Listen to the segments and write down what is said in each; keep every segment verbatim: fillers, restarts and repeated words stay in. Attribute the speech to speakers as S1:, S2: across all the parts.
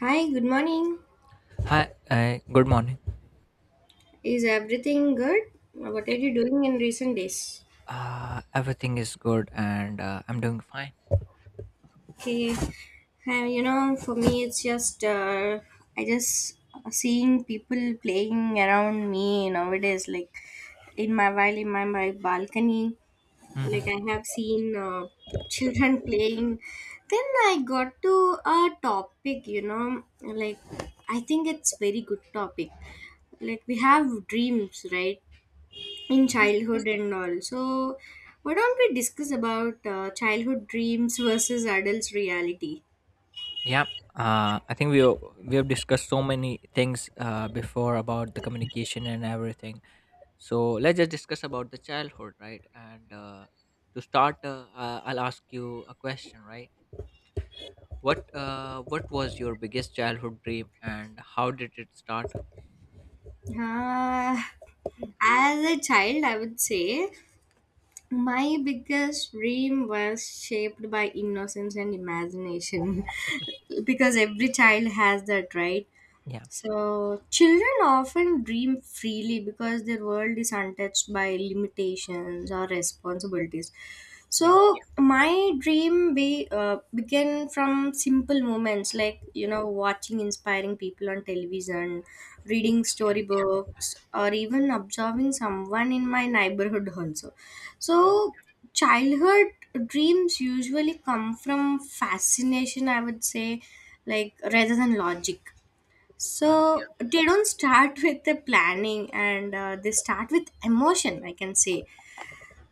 S1: Hi, good morning.
S2: Hi, uh, Good morning.
S1: Is everything good? What are
S2: Yeah,
S1: you doing in recent days?
S2: Uh, everything is good and uh, I'm doing fine.
S1: Okay, uh, you know, for me, it's just uh, I just seeing people playing around me nowadays, like in my while in my, my balcony. Like
S2: hmm
S1: I have seen uh, children playing. Then I got to a topic, you know, like I think it's very good topic. Like we have dreams, right? In childhood and all. So, why don't we discuss about uh, childhood dreams versus adults' reality?
S2: Yeah, uh, I think we o- we have discussed so many things uh, before about the communication and everything. So let's just discuss about the childhood, right? And uh, to start, uh, uh, I'll ask you a question, right? What uh, what was your biggest childhood dream and how did it start?
S1: Uh, as a child, I would say my biggest dream was shaped by innocence and imagination because every child has that, right?
S2: Yeah,
S1: So, children often dream freely because their world is untouched by limitations or responsibilities.
S2: yeah,
S1: So my dream be, uh, began from simple moments like you know watching inspiring people on television, reading
S2: yeah,
S1: storybooks, or even observing someone in my neighborhood also.
S2: yeah,
S1: So childhood dreams usually come from fascination, I would say, like rather than logic.
S2: yeah. yeah.
S1: So they don't start with the planning, and uh, they start with emotion, I can say.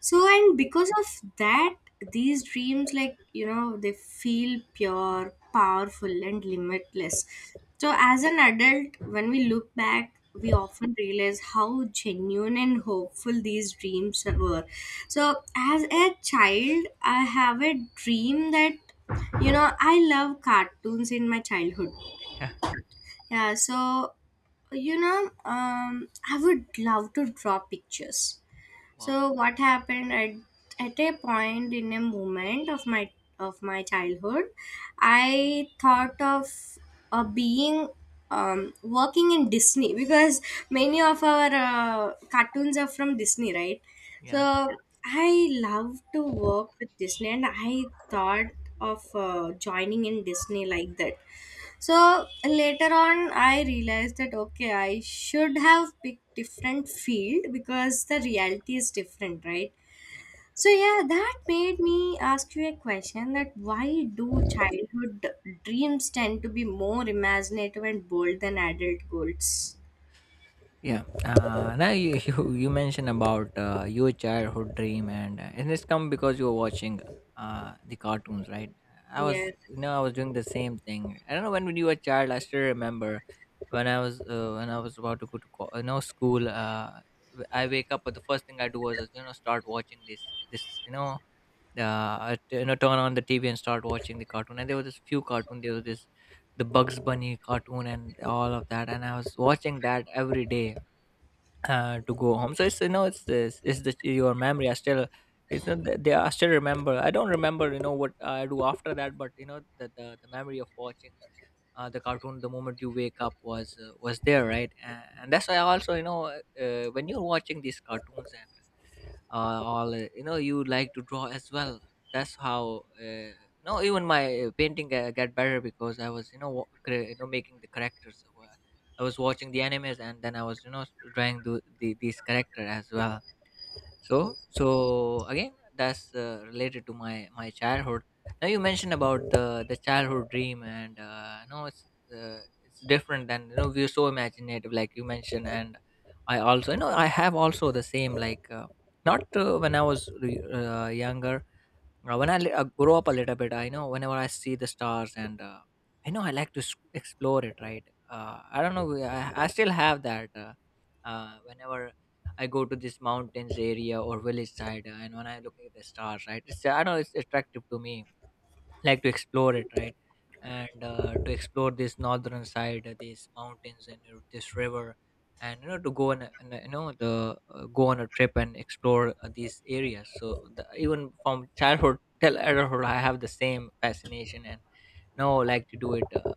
S1: So, and because of that, these dreams, like, you know, they feel pure, powerful, and limitless. So, as an adult, when we look back, we often realize how genuine and hopeful these dreams were. So, as a child, I have a dream that, you know, I love cartoons in my childhood.
S2: yeah
S1: Yeah, so you know um I would love to draw pictures.
S2: Wow.
S1: So what happened at, at a point in a moment of my of my childhood, I thought of uh, being um, working in Disney because many of our uh, cartoons are from Disney, right?
S2: yeah
S1: So I love to work with Disney, and I thought of uh, joining in Disney like that. So later on, I realized that okay, I should have picked different field because the reality is different, right?
S2: yeah
S1: So yeah, that made me ask you a question that why do childhood dreams tend to be more imaginative and bold than adult goals?
S2: yeah uh, now you, you you mentioned about uh, your childhood dream, and uh, and it's come because you were watching uh, the cartoons, right? I was,
S1: Yes,
S2: you know, I was doing the same thing. I don't know when, when you were a child. I still remember when i was uh, when i was about to go to co- uh, no school. Uh, w- i wake up, but the first thing I do was, uh, you know, start watching this. this you know uh, t- you know, turn on the T V and start watching the cartoon. And there was this few cartoon. There was this the Bugs Bunny cartoon and all of that. And I was watching that every day uh, to go home. So it's, you know, it's this, it's the your memory. I still, it's not that they, I still remember. I don't remember, you know, what I do after that, but you know the the, the memory of watching. Uh, the cartoon the moment you wake up was, uh, was there, right? and, and that's why also, you know, uh, when you're watching these cartoons and uh, all uh, you know, you like to draw as well. That's how, uh, you know, even my uh, painting uh, got better, because I was, you know, wa- cre- you know, making the characters. So, Uh, I was watching the animes, and then I was, you know, drawing the, the these character as well. So so again, that's uh, related to my my childhood. Now you mentioned about the the childhood dream, and uh no, it's uh, it's different than, you know, we're so imaginative, like you mentioned. And I also, you know, I have also the same, like, uh, not uh, when I was re- uh, younger. Uh, when I li- uh, grow up a little bit, I know whenever I see the stars, and uh, I know I like to s- explore it, right? Uh, I don't know. we- I, I still have that. Uh, uh, whenever I go to this mountains area or village side, uh, and when I look at the stars, right? It's, I don't know, it's attractive to me, like to explore it, right? And uh, to explore this northern side, uh, these mountains, and uh, this river, and, you know, to go on a, and, uh, you know the uh, go on a trip and explore uh, these areas. So the, even from childhood till adulthood, I have the same fascination, and now like to do it. uh,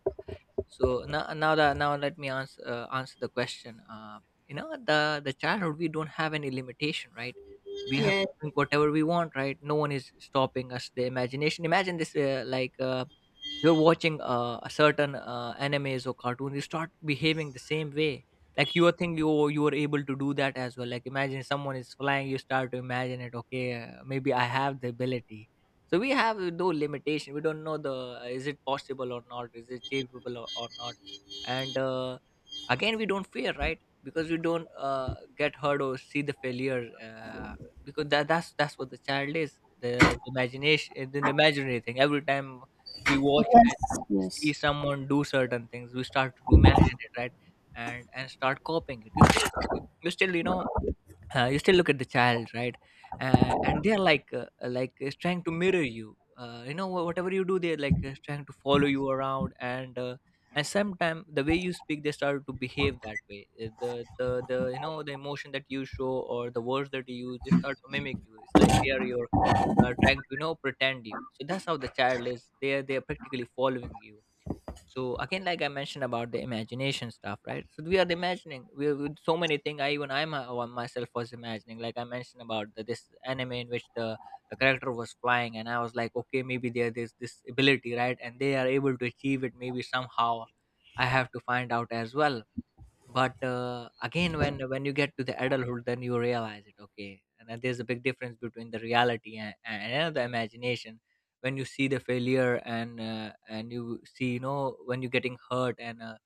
S2: so now now that, now let me answer, uh, answer the question. Uh, you know, the the childhood, we don't have any limitation, right? We have
S1: yes.
S2: to think whatever we want, right? No one is stopping us. The imagination, imagine this, uh, like uh, you're watching, uh, a certain uh, animes or cartoons, you start behaving the same way. Like you are think you, you are able to do that as well. Like imagine someone is flying, you start to imagine it. Okay, uh, maybe I have the ability. So we have no limitation. We don't know the, uh, is it possible or not, is it achievable or, or not? And uh, again, we don't fear, right? Because we don't uh, get hurt or see the failure, uh, because that, that's that's what the child is. the, the imagination, the imaginary thing. Every time we watch
S1: Yes,
S2: and see
S1: yes.
S2: someone do certain things, we start to imagine it, right? and and start copying it. You still, you still, you know, uh, you still look at the child, right? Uh, and they're like, uh, like uh, trying to mirror you, uh, you know, wha- whatever you do, they're like, uh, trying to follow you around, and uh, and sometimes the way you speak, they start to behave that way. Uh, the the the you know, the emotion that you show or the words that you use, they start to mimic you. It's like they are your, uh, trying to, you know, pretend you. So that's how the child is. they're they're practically following you. So again, like I mentioned about the imagination stuff, right? So we are imagining, we are with so many things. I, even I my- uh, myself was imagining, like I mentioned about the, this anime in which the the character was flying, and I was like, okay, maybe there's this ability, right? And they are able to achieve it, maybe somehow I have to find out as well. But, uh, again, when when you get to the adulthood, then you realize it, okay, and then there's a big difference between the reality and, and the imagination. When you see the failure and, uh, and you see, you know, when you're getting hurt, and uh,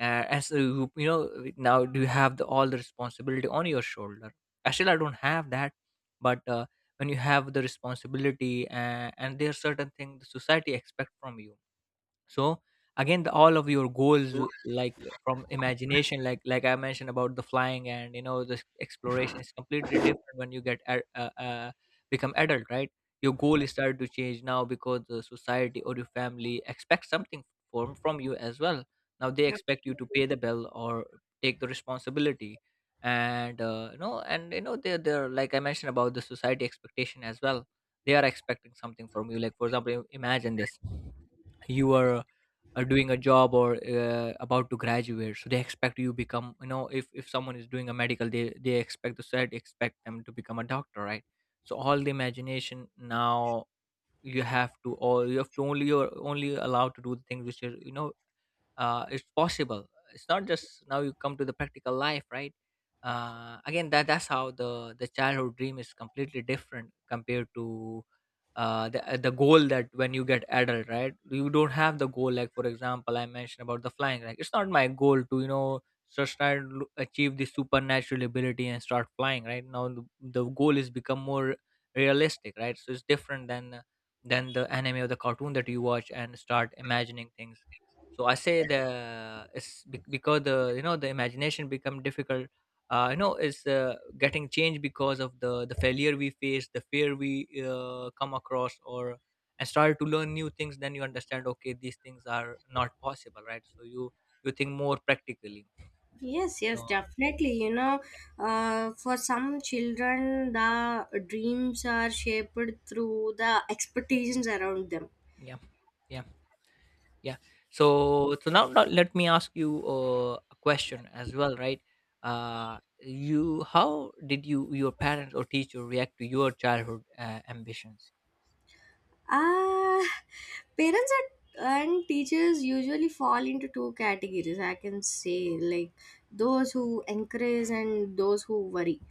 S2: uh, as you, you know, now do you have the, all the responsibility on your shoulder? Actually, I don't have that, but uh, when you have the responsibility, and, and there's certain thing the society expect from you. So again, the, all of your goals, uh, like uh, from imagination, like like I mentioned about the flying, and you know, the exploration, is completely different when you get a- uh, uh, become adult, right? Your goal is started to change now, because the society or your family expects something from from you as well. Now they expect you to pay the bill, or take the responsibility. And uh, you know, and you know they're, they're like, I mentioned about the society expectation as well. They are expecting something from you. Like for example, im- imagine this, you are, uh, doing a job or uh, about to graduate, so they expect you become, you know, if if someone is doing a medical, they they expect the said, expect them to become a doctor, right? So all the imagination now, you have to, or you have to only, you're only allowed to do the things which are, you know, uh, it's possible. It's not, just now you come to the practical life, right? Uh, again, that that's how the the childhood dream is completely different compared to uh, the uh, the goal that when you get adult, right? You don't have the goal. Like for example, I mentioned about the flying, like it's not my goal to, you know, just try and lo- achieve the supernatural ability and start flying. Right now, the, the goal is become more realistic, right? So it's different than, uh, than the anime or the cartoon that you watch and start imagining things. So I say the, it's be- because the, you know, the imagination become difficult. Uh, you know, it's uh, getting changed because of the the failure we face, the fear we, uh, come across, or, and start to learn new things. Then you understand, okay, these things are not possible, right? So you you think more practically.
S1: Yes, yes,
S2: So
S1: definitely. You know, uh, for some children, the dreams are shaped through the expectations around them.
S2: yeah. Yeah. Yeah. So so now, now let me ask you uh, a question as well, right? uh you how did you your parents or teacher react to your childhood uh, ambitions?
S1: Ah, parents and and teachers usually fall into two categories, I can say, like those who encourage and those who worry.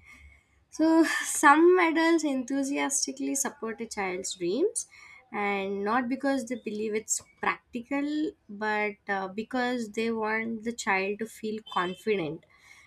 S1: So, some adults enthusiastically support a child's dreams, and not because they believe it's practical, but uh, because they want the child to feel confident.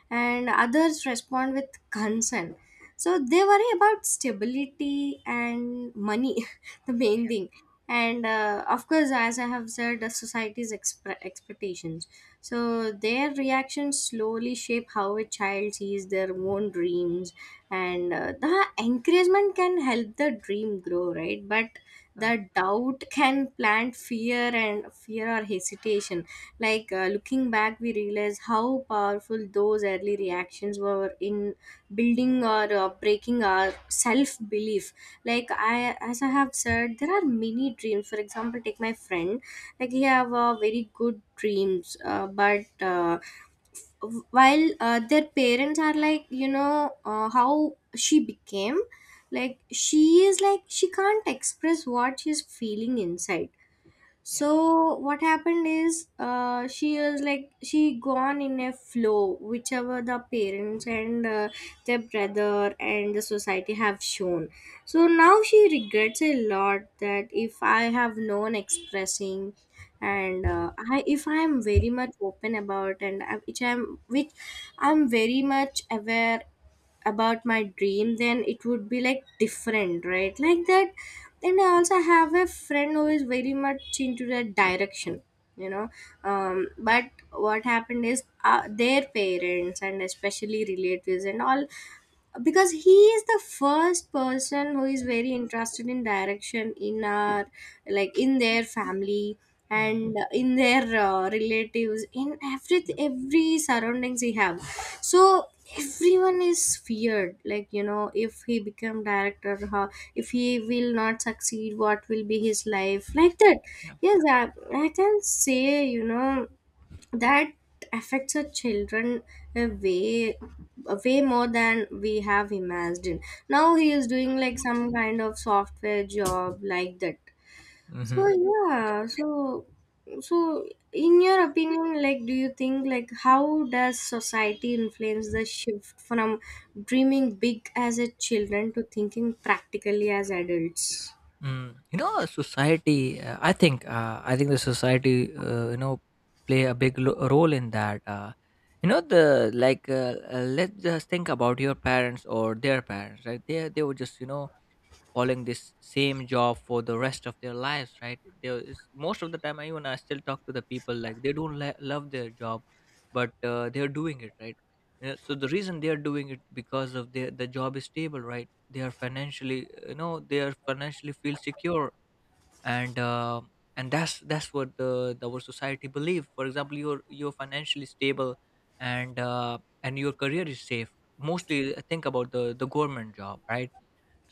S1: And others respond with concern. So, they worry about stability and money, the main thing. And uh, of course, as I have said, the society's expre- expectations. So, their reactions slowly shape how a child sees their own dreams, and uh, the encouragement can help the dream grow, right? But the doubt can plant fear and fear or hesitation. Like, uh, looking back we realize how powerful those early reactions were in building or uh, breaking our self belief. Like i as I have said there are many dreams. For example, take my friend. Like he have uh, very good dreams, uh, but uh, while uh, their parents are like, you know uh, how she became, like she is like she can't express what she's feeling inside.
S2: Yeah.
S1: So what happened is uh, she is like she gone in a flow whichever the parents and uh, their brother and the society have shown. So now she regrets a lot that if I have known expressing, and uh, I if I am very much open about, and I, which i'm which i'm very much aware about my dream, then it would be like different, right? Like that. And I also have a friend who is very much into that direction, you know um, but what happened is uh, their parents and especially relatives and all, because he is the first person who is very interested in direction, in our like in their family
S2: Hmm.
S1: and in their uh, relatives, in every every surroundings he have. So everyone is feared, like you know if he become director, how, if he will not succeed what will be his life, like that.
S2: Yeah.
S1: Yes, i, I can say, you know that affects our children a way a way more than we have imagined. Now he is doing like some kind of software job, like that. So
S2: Hmm.
S1: yeah, so so in your opinion, like do you think like how does society influence the shift from dreaming big as a children to thinking practically as adults?
S2: Mm, you know, society. Uh, I think. Uh, I think the society, Uh, you know, play a big lo- role in that. Uh, you know, the like. Uh, uh, let's just think about your parents or their parents, right? They they were just, you know, following this same job for the rest of their lives, right? There is most of the time, I, even i still talk to the people, like, they don't la- love their job, but uh, they're doing it, right? Uh, so the reason they're doing it because of their the job is stable, right? They are financially, uh, you know, they are financially feel secure, and uh, and that's that's what the, the our society believe. For example, you're you're financially stable, and uh, and your career is safe. Mostly, uh, think about the the government job, right?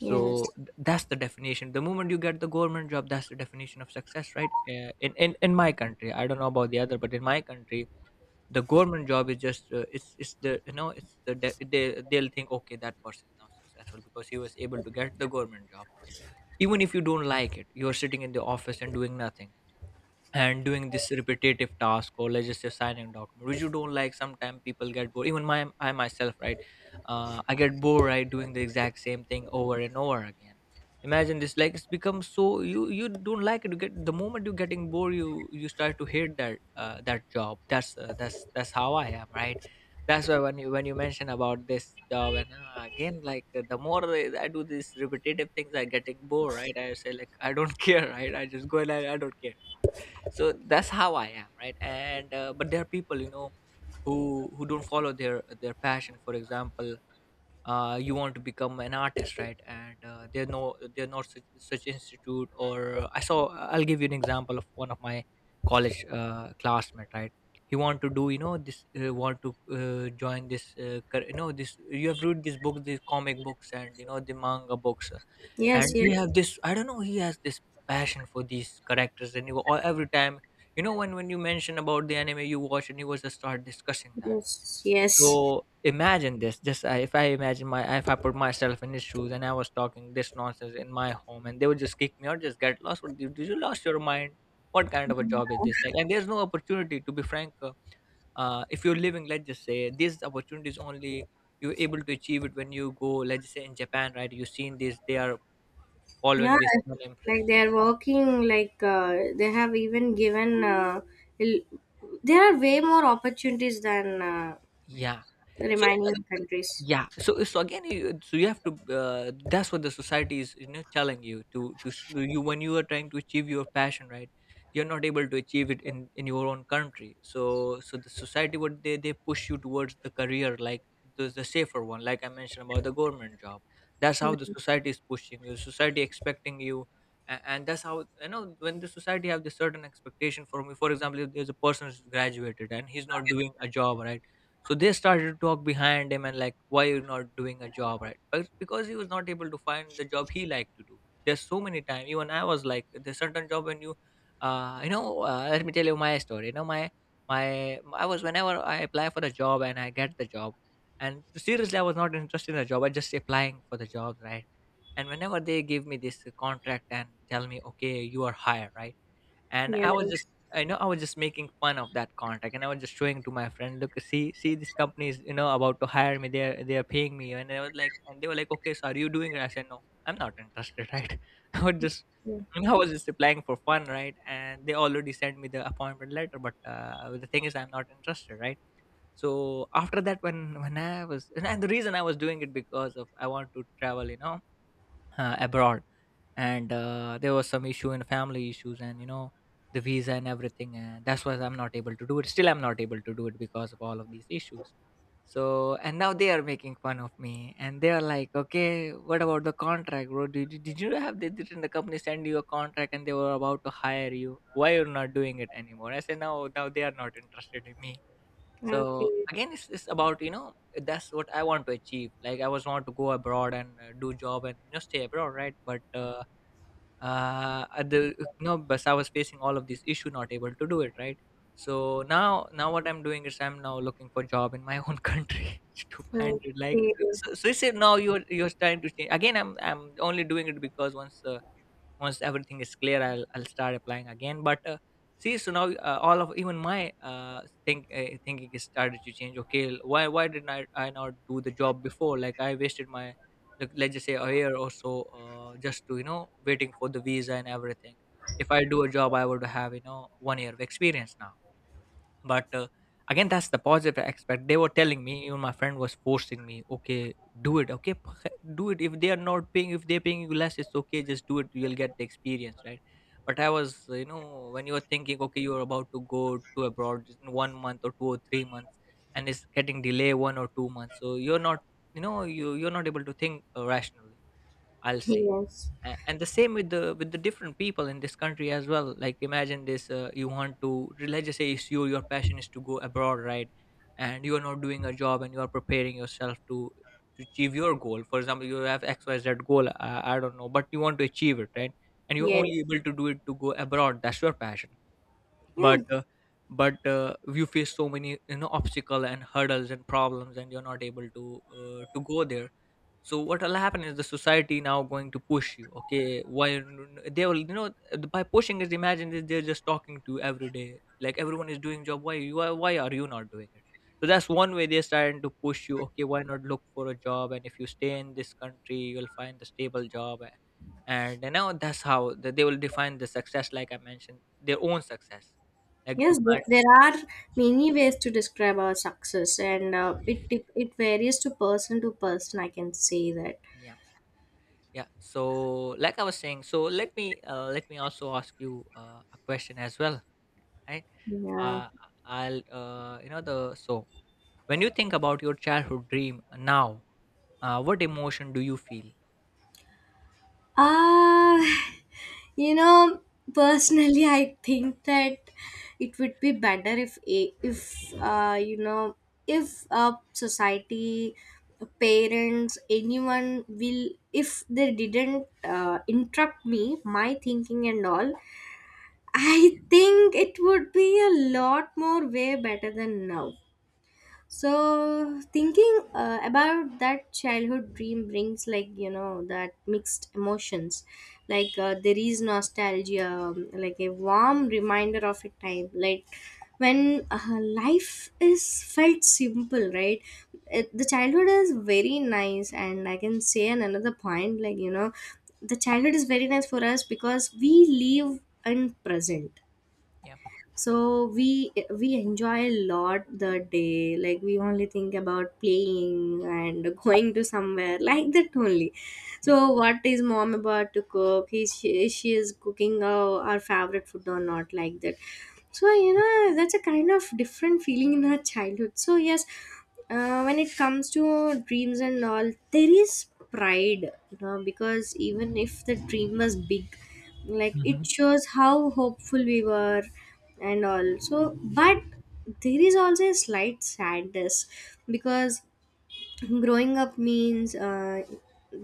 S1: Yes.
S2: th- that's the definition. The moment you get the government job, that's the definition of success, right? Uh, in, in in my country, I don't know about the other, but in my country, the government job is just, uh, it's it's the, you know, it's the de- they, they'll think, okay, that person is now successful because he was able to get the government job. Even if you don't like it, you're sitting in the office and doing nothing, and doing this repetitive task, or let's just say signing document, which you don't like. Sometimes people get bored, even my I myself, right? Uh, i get bored, right, doing the exact same thing over and over again. Imagine this, like, it's become so, you you don't like it. You get, the moment you're getting bored, you you start to hate that, uh, that job. That's uh, that's that's how I am, right? That's why when you when you mention about this job, and uh, again, like, uh, the more i I do these repetitive things, I getting bored, right? I say, like, I don't care, right? I just go, and i, I don't care. So that's how I am, right? And uh, but there are people, you know, who who don't follow their their passion. For example, uh, you want to become an artist, right? and uh, they're, no, they're not such, such institute, or uh, i saw I'll give you an example of one of my college, uh, classmate, right? He want to do, you know, this, uh, want to, uh, join this, uh, cur- you know, this, you have read these books, these comic books, and, you know, the manga books.
S1: Yes.
S2: And
S1: Yes.
S2: he have this, I don't know, he has this passion for these characters, and he, wa- or every time, you know, when when you mention about the anime you watch, and he was just start discussing that.
S1: Yes. Yes.
S2: So imagine this, just I, if i imagine my if I put myself in his shoes, and I was talking this nonsense in my home, and they would just kick me out, just get lost, what did, did you lost your mind, what kind of a job is this, like? And there's no opportunity, to be frank. Uh, uh, if you're living, let's just say these opportunities only, you're able to achieve it when you go, let's just say, in Japan, right? You've seen this, they are
S1: Yeah,
S2: following this surname.
S1: like they are working, like uh, they have even given, uh, l- there are way more opportunities than uh,
S2: Yeah.
S1: the
S2: So,
S1: remaining countries.
S2: yeah, so so again, you, so you have to, uh, that's what the society is, you know, telling you to, to s- you, when you are trying to achieve your passion, right? You're not able to achieve it in in your own country, so so the society, what they they push you towards the career, like the, the safer one, like I mentioned about the government job. That's how the
S1: Mhm.
S2: society is pushing you, society expecting you. And, and that's how, you know, when the society have this certain expectation, for me, for example, if there's a person who's graduated and he's not doing a job, right, so they started to talk behind him and, like, why you're not doing a job, right? But because he was not able to find the job he liked to do, there's so many times. Even I was, like, there's certain job when you, uh you know, uh, let me tell you my story, you know, my my I was, whenever I apply for the job and I get the job, and seriously, I was not interested in the job, I just applying for the job, right? And whenever they give me this contract and tell me, okay, you are hired, right, and
S1: Yeah.
S2: I was just, I know, I was just making fun of that contract, and I was just showing to my friend, look, see, see this company is, you know, about to hire me, they're they're paying me. And I was like, and they were like, okay, so are you doing it? I said no, I'm not interested, right? I would just, you know, I was just applying for fun, right? And they already sent me the appointment letter, but uh, the thing is, I'm not interested, right? So after that, when when I was, and, and the reason I was doing it because of I want to travel, you know, uh, abroad, and uh, there was some issue and family issues and, you know, the visa and everything, and that's why I'm not able to do it. Still, I'm not able to do it because of all of these issues. So and now they are making fun of me, and they are like, okay, what about the contract, bro? Did, did you have, did, didn't the company send you a contract, and they were about to hire you, why you're not doing it anymore? I said, no, now they are not interested in me. So
S1: Okay.
S2: again, it's, it's about, you know, that's what I want to achieve, like I was want to go abroad and, uh, do job, and just stay abroad, right? But, uh, uh, at the you know, because I was facing all of these issue, not able to do it, right. So now, now what I'm doing is I'm now looking for job in my own country to find it. Like,
S1: Okay.
S2: so, so you said now you're you're trying to change again. I'm I'm only doing it because once, uh, once everything is clear, i'll, I'll start applying again, but, uh, see, so now, uh, all of, even my, uh, think uh, thinking is started to change. Okay, l- why why didn't I, I not do the job before, like I wasted my, like, let's just say a year or so, uh, just to, you know, waiting for the visa and everything. If I do a job, I would have, you know, one year of experience now. But uh, Again, that's the positive aspect. They were telling me, even my friend was forcing me, okay, do it, okay, p- do it, if they are not paying, if they're paying you less, it's okay, just do it, you'll get the experience, right. But I was, you know, when you are thinking, okay, you're about to go to abroad in one month or two or three months, and it's getting delay one or two months, so you're not, you know, you you're not able to think, uh, rationally, I'll say.
S1: Yes.
S2: A- and the same with the, with the different people in this country as well, like imagine this, uh, you want to, let's just say, it's you your passion is to go abroad, right? And you are not doing a job, and you are preparing yourself to, to achieve your goal. For example, you have XYZ goal, I, I don't know, but you want to achieve it, right? And you're
S1: Yes.
S2: only able to do it, to go abroad, that's your passion.
S1: Yeah.
S2: But uh, but uh, you face so many, you know, obstacle and hurdles and problems, and you're not able to, uh, to go there. So what will happen is the society now going to push you, okay, why, n- they will, you know, by pushing is, imagine that they're just talking to every day, like everyone is doing job, why you are, why are you not doing it? So that's one way they're starting to push you, okay, why not look for a job, and if you stay in this country, you'll find the stable job. A- and, you know, that's how th- they will define the success, like I mentioned, their own success, like, to
S1: Yes, there
S2: find.
S1: there are many ways to describe our success, and uh, it dep- it varies to person to person. I can say that.
S2: Yeah, yeah, so, like I was saying, so let me, uh, let me also ask you, uh, a question as well, right?
S1: Yeah.
S2: uh, I'll, uh, you know, the, so, when you think about your childhood dream now, uh, what emotion do you feel?
S1: Ah. You know, personally, I think that it would be better if a- if uh, you know if uh, society, parents, anyone will if they didn't uh, interrupt me, my thinking and all.
S2: Yeah,
S1: I think it would be a lot more way better than now. So thinking uh, about that childhood dream brings, like you know that mixed emotions, like uh, there is nostalgia, um, like a warm reminder of a time, like when uh, life is felt simple, right? It, the childhood is very nice, and I can say on another point, like, you know, the childhood is very nice for us because we live in present.
S2: yeah,
S1: So we we enjoy a lot the day, like we only think about playing and going to somewhere, like that only.
S2: yeah.
S1: So what is mom about to cook, is she, is she is cooking our, our favorite food or not, like that. So you know that's a kind of different feeling in our childhood. So yes, uh, when it comes to dreams and all, there is pride, you know because even if the dream was big, like it
S2: Hmm.
S1: shows how hopeful we were. And also
S2: Yeah,
S1: but there is also a slight sadness because growing up means uh,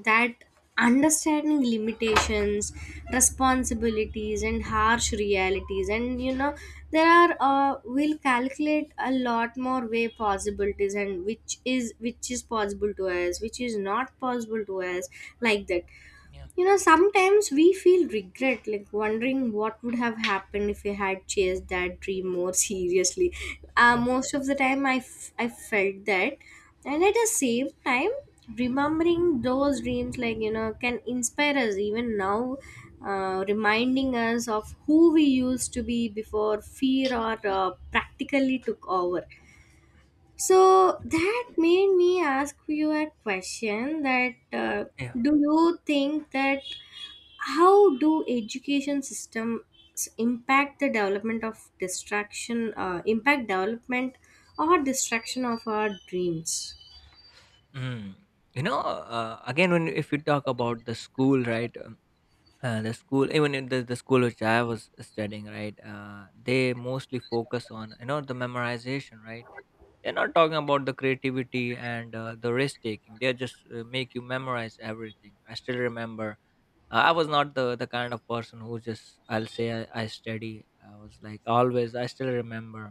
S1: that understanding limitations, responsibilities and harsh realities, and you know there are, uh, we'll calculate a lot more way possibilities and which is which is possible to us, which is not possible to us, like that.
S2: yeah,
S1: You know, sometimes we feel regret, like wondering what would have happened if we had chased that dream more seriously. Uh,
S2: yeah,
S1: most of the time, I, f- I felt that. And at the same time, remembering those dreams, like, you know, can inspire us even now, uh, reminding us of who we used to be before fear or uh, practically took over. So that made me ask you a question that uh,
S2: yeah.
S1: do you think that how do education systems impact the development of distraction uh, impact development or distraction of our dreams?
S2: Mm. You know, uh, again, when if you talk about the school, right? um, Uh, the school, even in the, the school which I was studying, right? Uh, they mostly focus on, you know, the memorization, right? They're not talking about the creativity and uh, the risk taking. They just uh, make you memorize everything. I still remember, uh, I was not the the kind of person who just, I'll say, i, I study. I was like always. I still remember,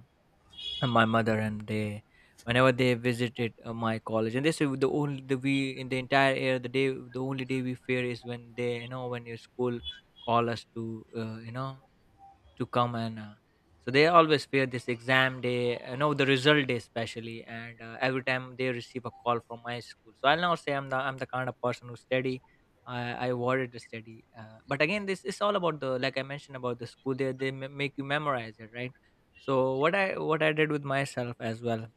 S2: my mother and they, whenever they visited uh, my college, and they is the only, the we, in the entire year, the day, the only day we fear is when they, you know, when your school call us to, uh, you know to come and uh, so they always fear this exam day, uh, no, the result day especially. And uh, every time they receive a call from my school, so I'll now say i'm the i'm the kind of person who study. I, I avoided the study. Uh, but again, this is all about the, like I mentioned about the school, they they ma- make you memorize it, right? So what i what i did with myself as well,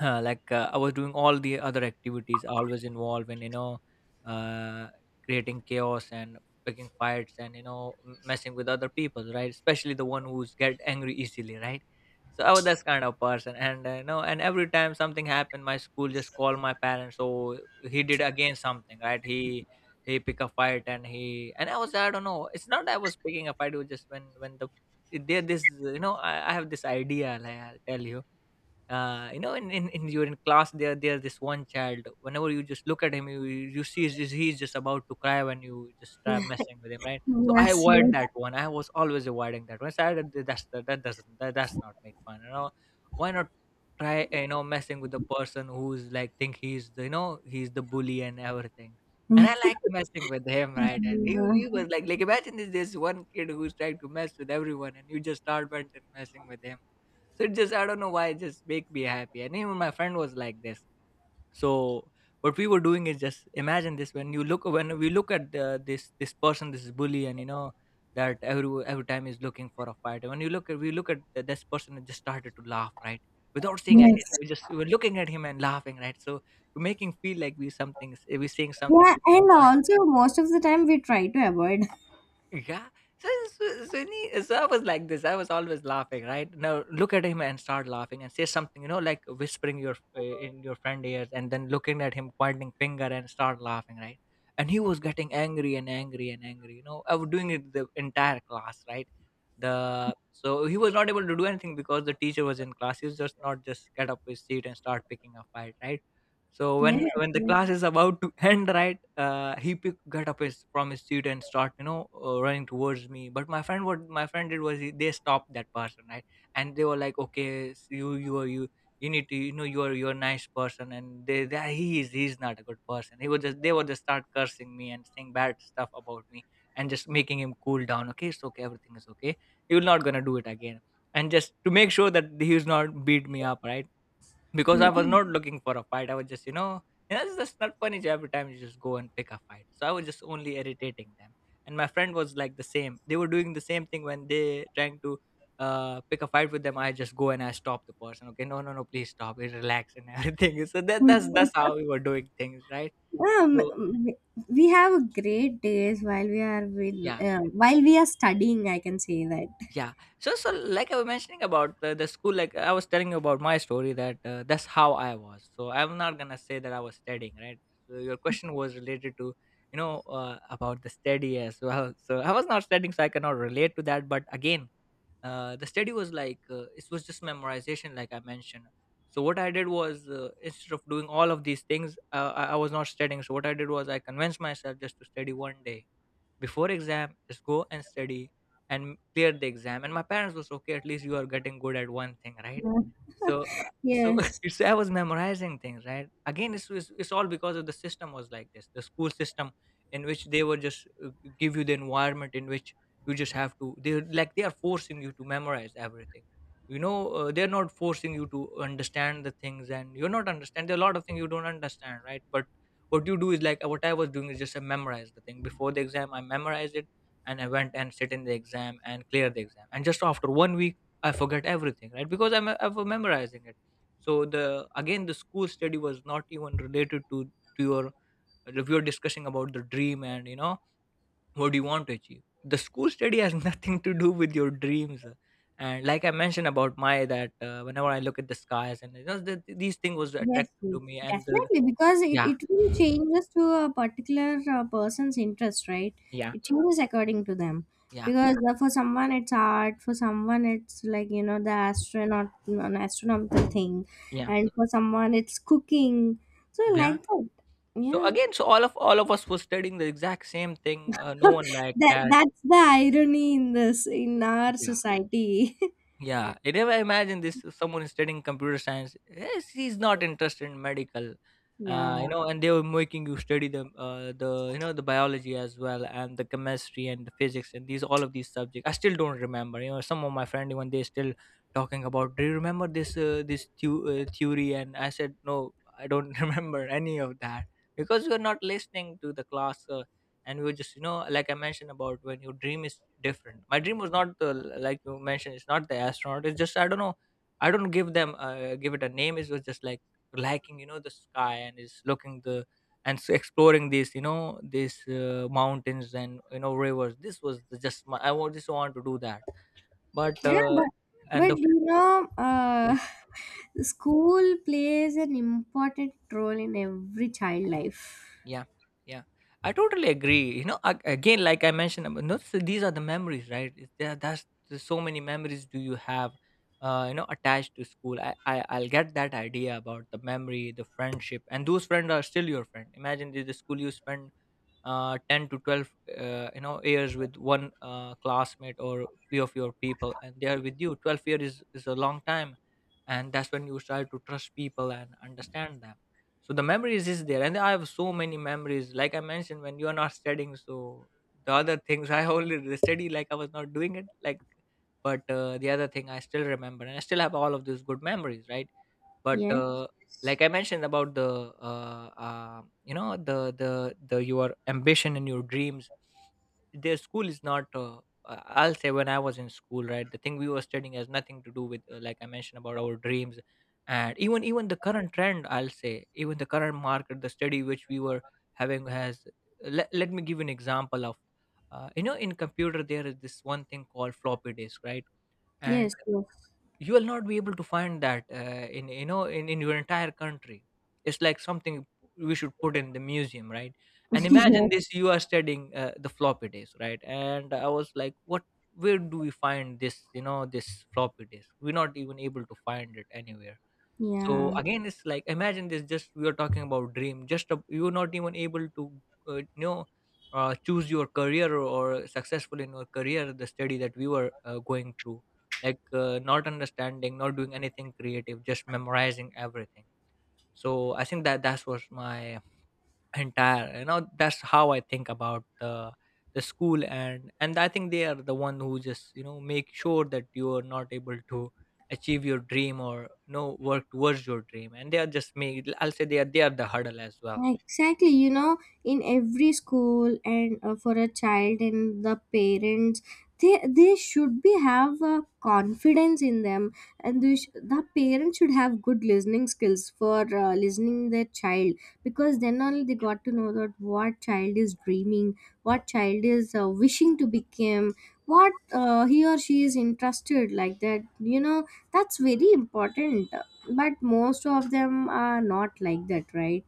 S2: uh, like, uh, I was doing all the other activities, always involved in, you know, uh, creating chaos and picking fights, and you know, m- messing with other people, right? Especially the one who's get angry easily, right? So I was that kind of person. And uh, you know, and every time something happened, my school just called my parents. So he did again something, right? he he pick a fight, and he, and I was, I don't know, it's not that I was picking a fight, it was just when when the there, this, you know, I, I have this idea, like I'll tell you. Uh, you know, in, in, in you're in class, there, there's this one child, whenever you just look at him, you you see he's just, he's just about to cry when you just start messing with him, right? So I avoid that one. I was always avoiding that one. So I, did- that's that, that doesn't, that that's not make fun, you know. Why not try, you know, messing with the person who's like, think he's the, you know, he's the bully and everything. And I like messing with him, right? And he, he was like like imagine this, this one kid who's trying to mess with everyone, and you just start went and messing with him. So it just, I don't know why, it just make me happy. And even my friend was like this. So what we were doing is, just imagine this, when you look, when we look at the, this this person, this bully, and you know, that every every time he's looking for a fight. And when you look at, we look at th- this person and just started to laugh, right? Without saying
S1: Yes.
S2: anything. We just we were looking at him and laughing, right? So to make him feel like we something, we saying something.
S1: Yeah, and also most of the time we try to avoid.
S2: Yeah. So, so, so, he- so I was like this. I was always laughing, right? Now look at him and start laughing and say something, you know, like whispering your, uh, in your friend ears and then looking at him, pointing finger and start laughing, right? And he was getting angry and angry and angry. You know, I was doing it the entire class, right? The, so he was not able to do anything because the teacher was in class. He was just not just get up his seat and start picking a fight, right? So when
S1: Yes.
S2: when the
S1: Yes.
S2: class is about to end, right, uh, he pick, got up his, from his seat and start, you know, uh, running towards me. But my friend, what my friend did was, he, they stopped that person, right, and they were like, okay, s- you you are you, you need to, you know, you are, you're a nice person, and they, they he is, he's not a good person. He would just, they would just start cursing me and saying bad stuff about me, and just making him cool down. Okay, it's okay, everything is okay. You're not gonna do it again. And just to make sure that he's not beat me up, right? Because
S1: Yeah.
S2: I was not looking for a fight. I was just, you know, that's just not funny. Every time you just go and pick a fight. So I was just only irritating them. And my friend was like the same. They were doing the same thing when they trying to uh, pick a fight with them. I just go and I stop the person. Okay, no, no, no, please stop. It relax and everything. So that that's Mm. That's how we were doing things, right?
S1: um,
S2: So
S1: we have great days while we are with
S2: yeah.
S1: uh, while we are studying. I can say that.
S2: Yeah. So so like I was mentioning about the, the school, like I was telling you about my story that, uh, that's how I was. So I'm not gonna say that I was studying, right? So your question was related to, you know, uh, about the study as well. So I was not studying, so I cannot relate to that. But again, uh, the study was like, uh, it was just memorization, like I mentioned. So what I did was, uh, instead of doing all of these things, uh, I, I was not studying, so what I did was, I convinced myself just to study one day before exam, just go and study, and clear the exam, and my parents was okay, at least you are getting good at one thing, right? So uh, so
S1: Yes.
S2: so I was memorizing things, right? Again, it's, it's it's all because of the system was like this, the school system, in which they were just uh, give you the environment in which you just have to, they're like, they are forcing you to memorize everything. You know, uh, they're not forcing you to understand the things, and you're not understand, there are a lot of things you don't understand, right? But what you do is like, uh, what I was doing is, just I memorized the thing before the exam, I memorized it, and I went and sit in the exam and clear the exam, and just after one week I forget everything, right? Because i'm, uh, I was memorizing it. So the, again, the school study was not even related to to your, uh, if you're discussing about the dream, and you know, what do you want to achieve, the school study has nothing to do with your dreams. Uh, and like I mentioned about my that, uh, whenever I look at the skies and, you know, the, these things was
S1: Yes,
S2: attractive to
S1: yes,
S2: me, and the,
S1: definitely, because it,
S2: yeah,
S1: it will changes to a particular uh, person's interest, right?
S2: yeah,
S1: It changes according to them.
S2: yeah,
S1: Because uh, for someone it's art, for someone it's like you know the astronaut, an astronomical thing,
S2: yeah,
S1: and for someone it's cooking. So
S2: yeah.
S1: like that,
S2: So
S1: yeah.
S2: again, so all of all of us were studying the exact same thing. Uh, no one liked
S1: That
S2: that.
S1: that's the irony in this in our society.
S2: Yeah, I never imagined this. Someone is studying computer science. Yes, he's not interested in medical, uh,
S1: Yeah.
S2: you know, and they were making you study the, uh, the, you know, the biology as well, and the chemistry and the physics and these, all of these subjects. I still don't remember. You know, some of my friend when they still talking about, do you remember this, uh, this thu- uh, theory? And I said no, I don't remember any of that, because you're not listening to the class. Uh, and we were just, you know, like I mentioned about when your dream is different, my dream was not the, like you mentioned, it's not the astronaut, it's just, I don't know. I don't give them, uh, give it a name, it was just like liking, you know, the sky, and is looking the, and s- exploring these, you know, these, uh, mountains, and you know, rivers, this was the, just my, I want just want to do that. But
S1: Yeah,
S2: uh,
S1: but
S2: and
S1: but
S2: the,
S1: you know, uh,
S2: yeah.
S1: school plays an important role in every child life.
S2: Yeah, yeah. I totally agree. You know, ag- again, like I mentioned, about, no, so these are the memories, right? It's- There, that's, there's so many memories do you have, uh, you know, attached to school. I, I, I'll get that idea about the memory, the friendship, and those friends are still your friend. Imagine the, the school you spend uh, ten to twelve, uh, you know, years, with one uh, classmate or few of your people, and they are with you twelve years, is, is a long time, and that's when you start to trust people and understand them. So the memories is there, and I have so many memories, like I mentioned, when you are not studying, so the other things, I only study, like I was not doing it, like, but uh, the other thing I still remember, and I still have all of these good memories, right? But
S1: Yes,
S2: uh, like I mentioned about the, uh, uh, you know, the the the your ambition and your dreams, their school is not, uh, uh, I'll say, when I was in school, right, the thing we were studying has nothing to do with, uh, like I mentioned about our dreams. And even even the current trend, I'll say, even the current market, the study which we were having has, let, let me give you an example of, uh, you know, in computer there is this one thing called floppy disk, right? And
S1: yes, yes,
S2: you will not be able to find that uh, in, you know, in, in your entire country. It's like something we should put in the museum, right? And imagine
S1: yes.
S2: this, you are studying uh, the floppy disk, right? And I was like what, where do we find this, you know, this floppy disk, we're not even able to find it anywhere. So
S1: Yeah.
S2: again, it's like, imagine this. Just, we are talking about dream. Just a, you're not even able to, uh, you know, uh, choose your career, or successful in your career. The study that we were uh, going through, like, uh, not understanding, not doing anything creative, just memorizing everything. So I think that, that's was my entire, you know, that's how I think about the the school. And and I think they are the one who just, you know, make sure that you are not able to achieve your dream, or no, work towards your dream, and they are just made, I'll say, they are they are the hurdle as well.
S1: Exactly, you know, in every school and uh, for a child and the parents, they they should be have uh, confidence in them, and they sh- the parents should have good listening skills for uh, listening their child, because then only they got to know that what child is dreaming, what child is uh, wishing to become, what uh, he or she is interested, like that. You know, that's very important. But most of them are not like that, right?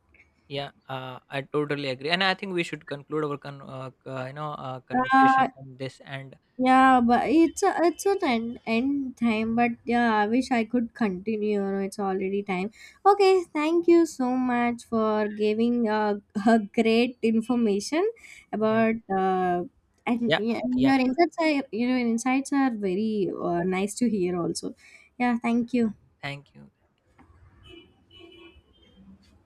S2: Yeah, uh, I totally agree, and I think we should conclude our con- uh, c- uh, you know uh, conversation
S1: Uh,
S2: on this, and
S1: yeah, but it's a, it's an end, end time. But yeah, I wish I could continue. You know, it's already time. Okay, thank you so much for giving uh, a great information
S2: yeah,
S1: about uh, and
S2: yeah,
S1: yeah,
S2: yeah.
S1: your insights are you know your insights are very uh, nice to hear also. Yeah, thank you.
S2: Thank you.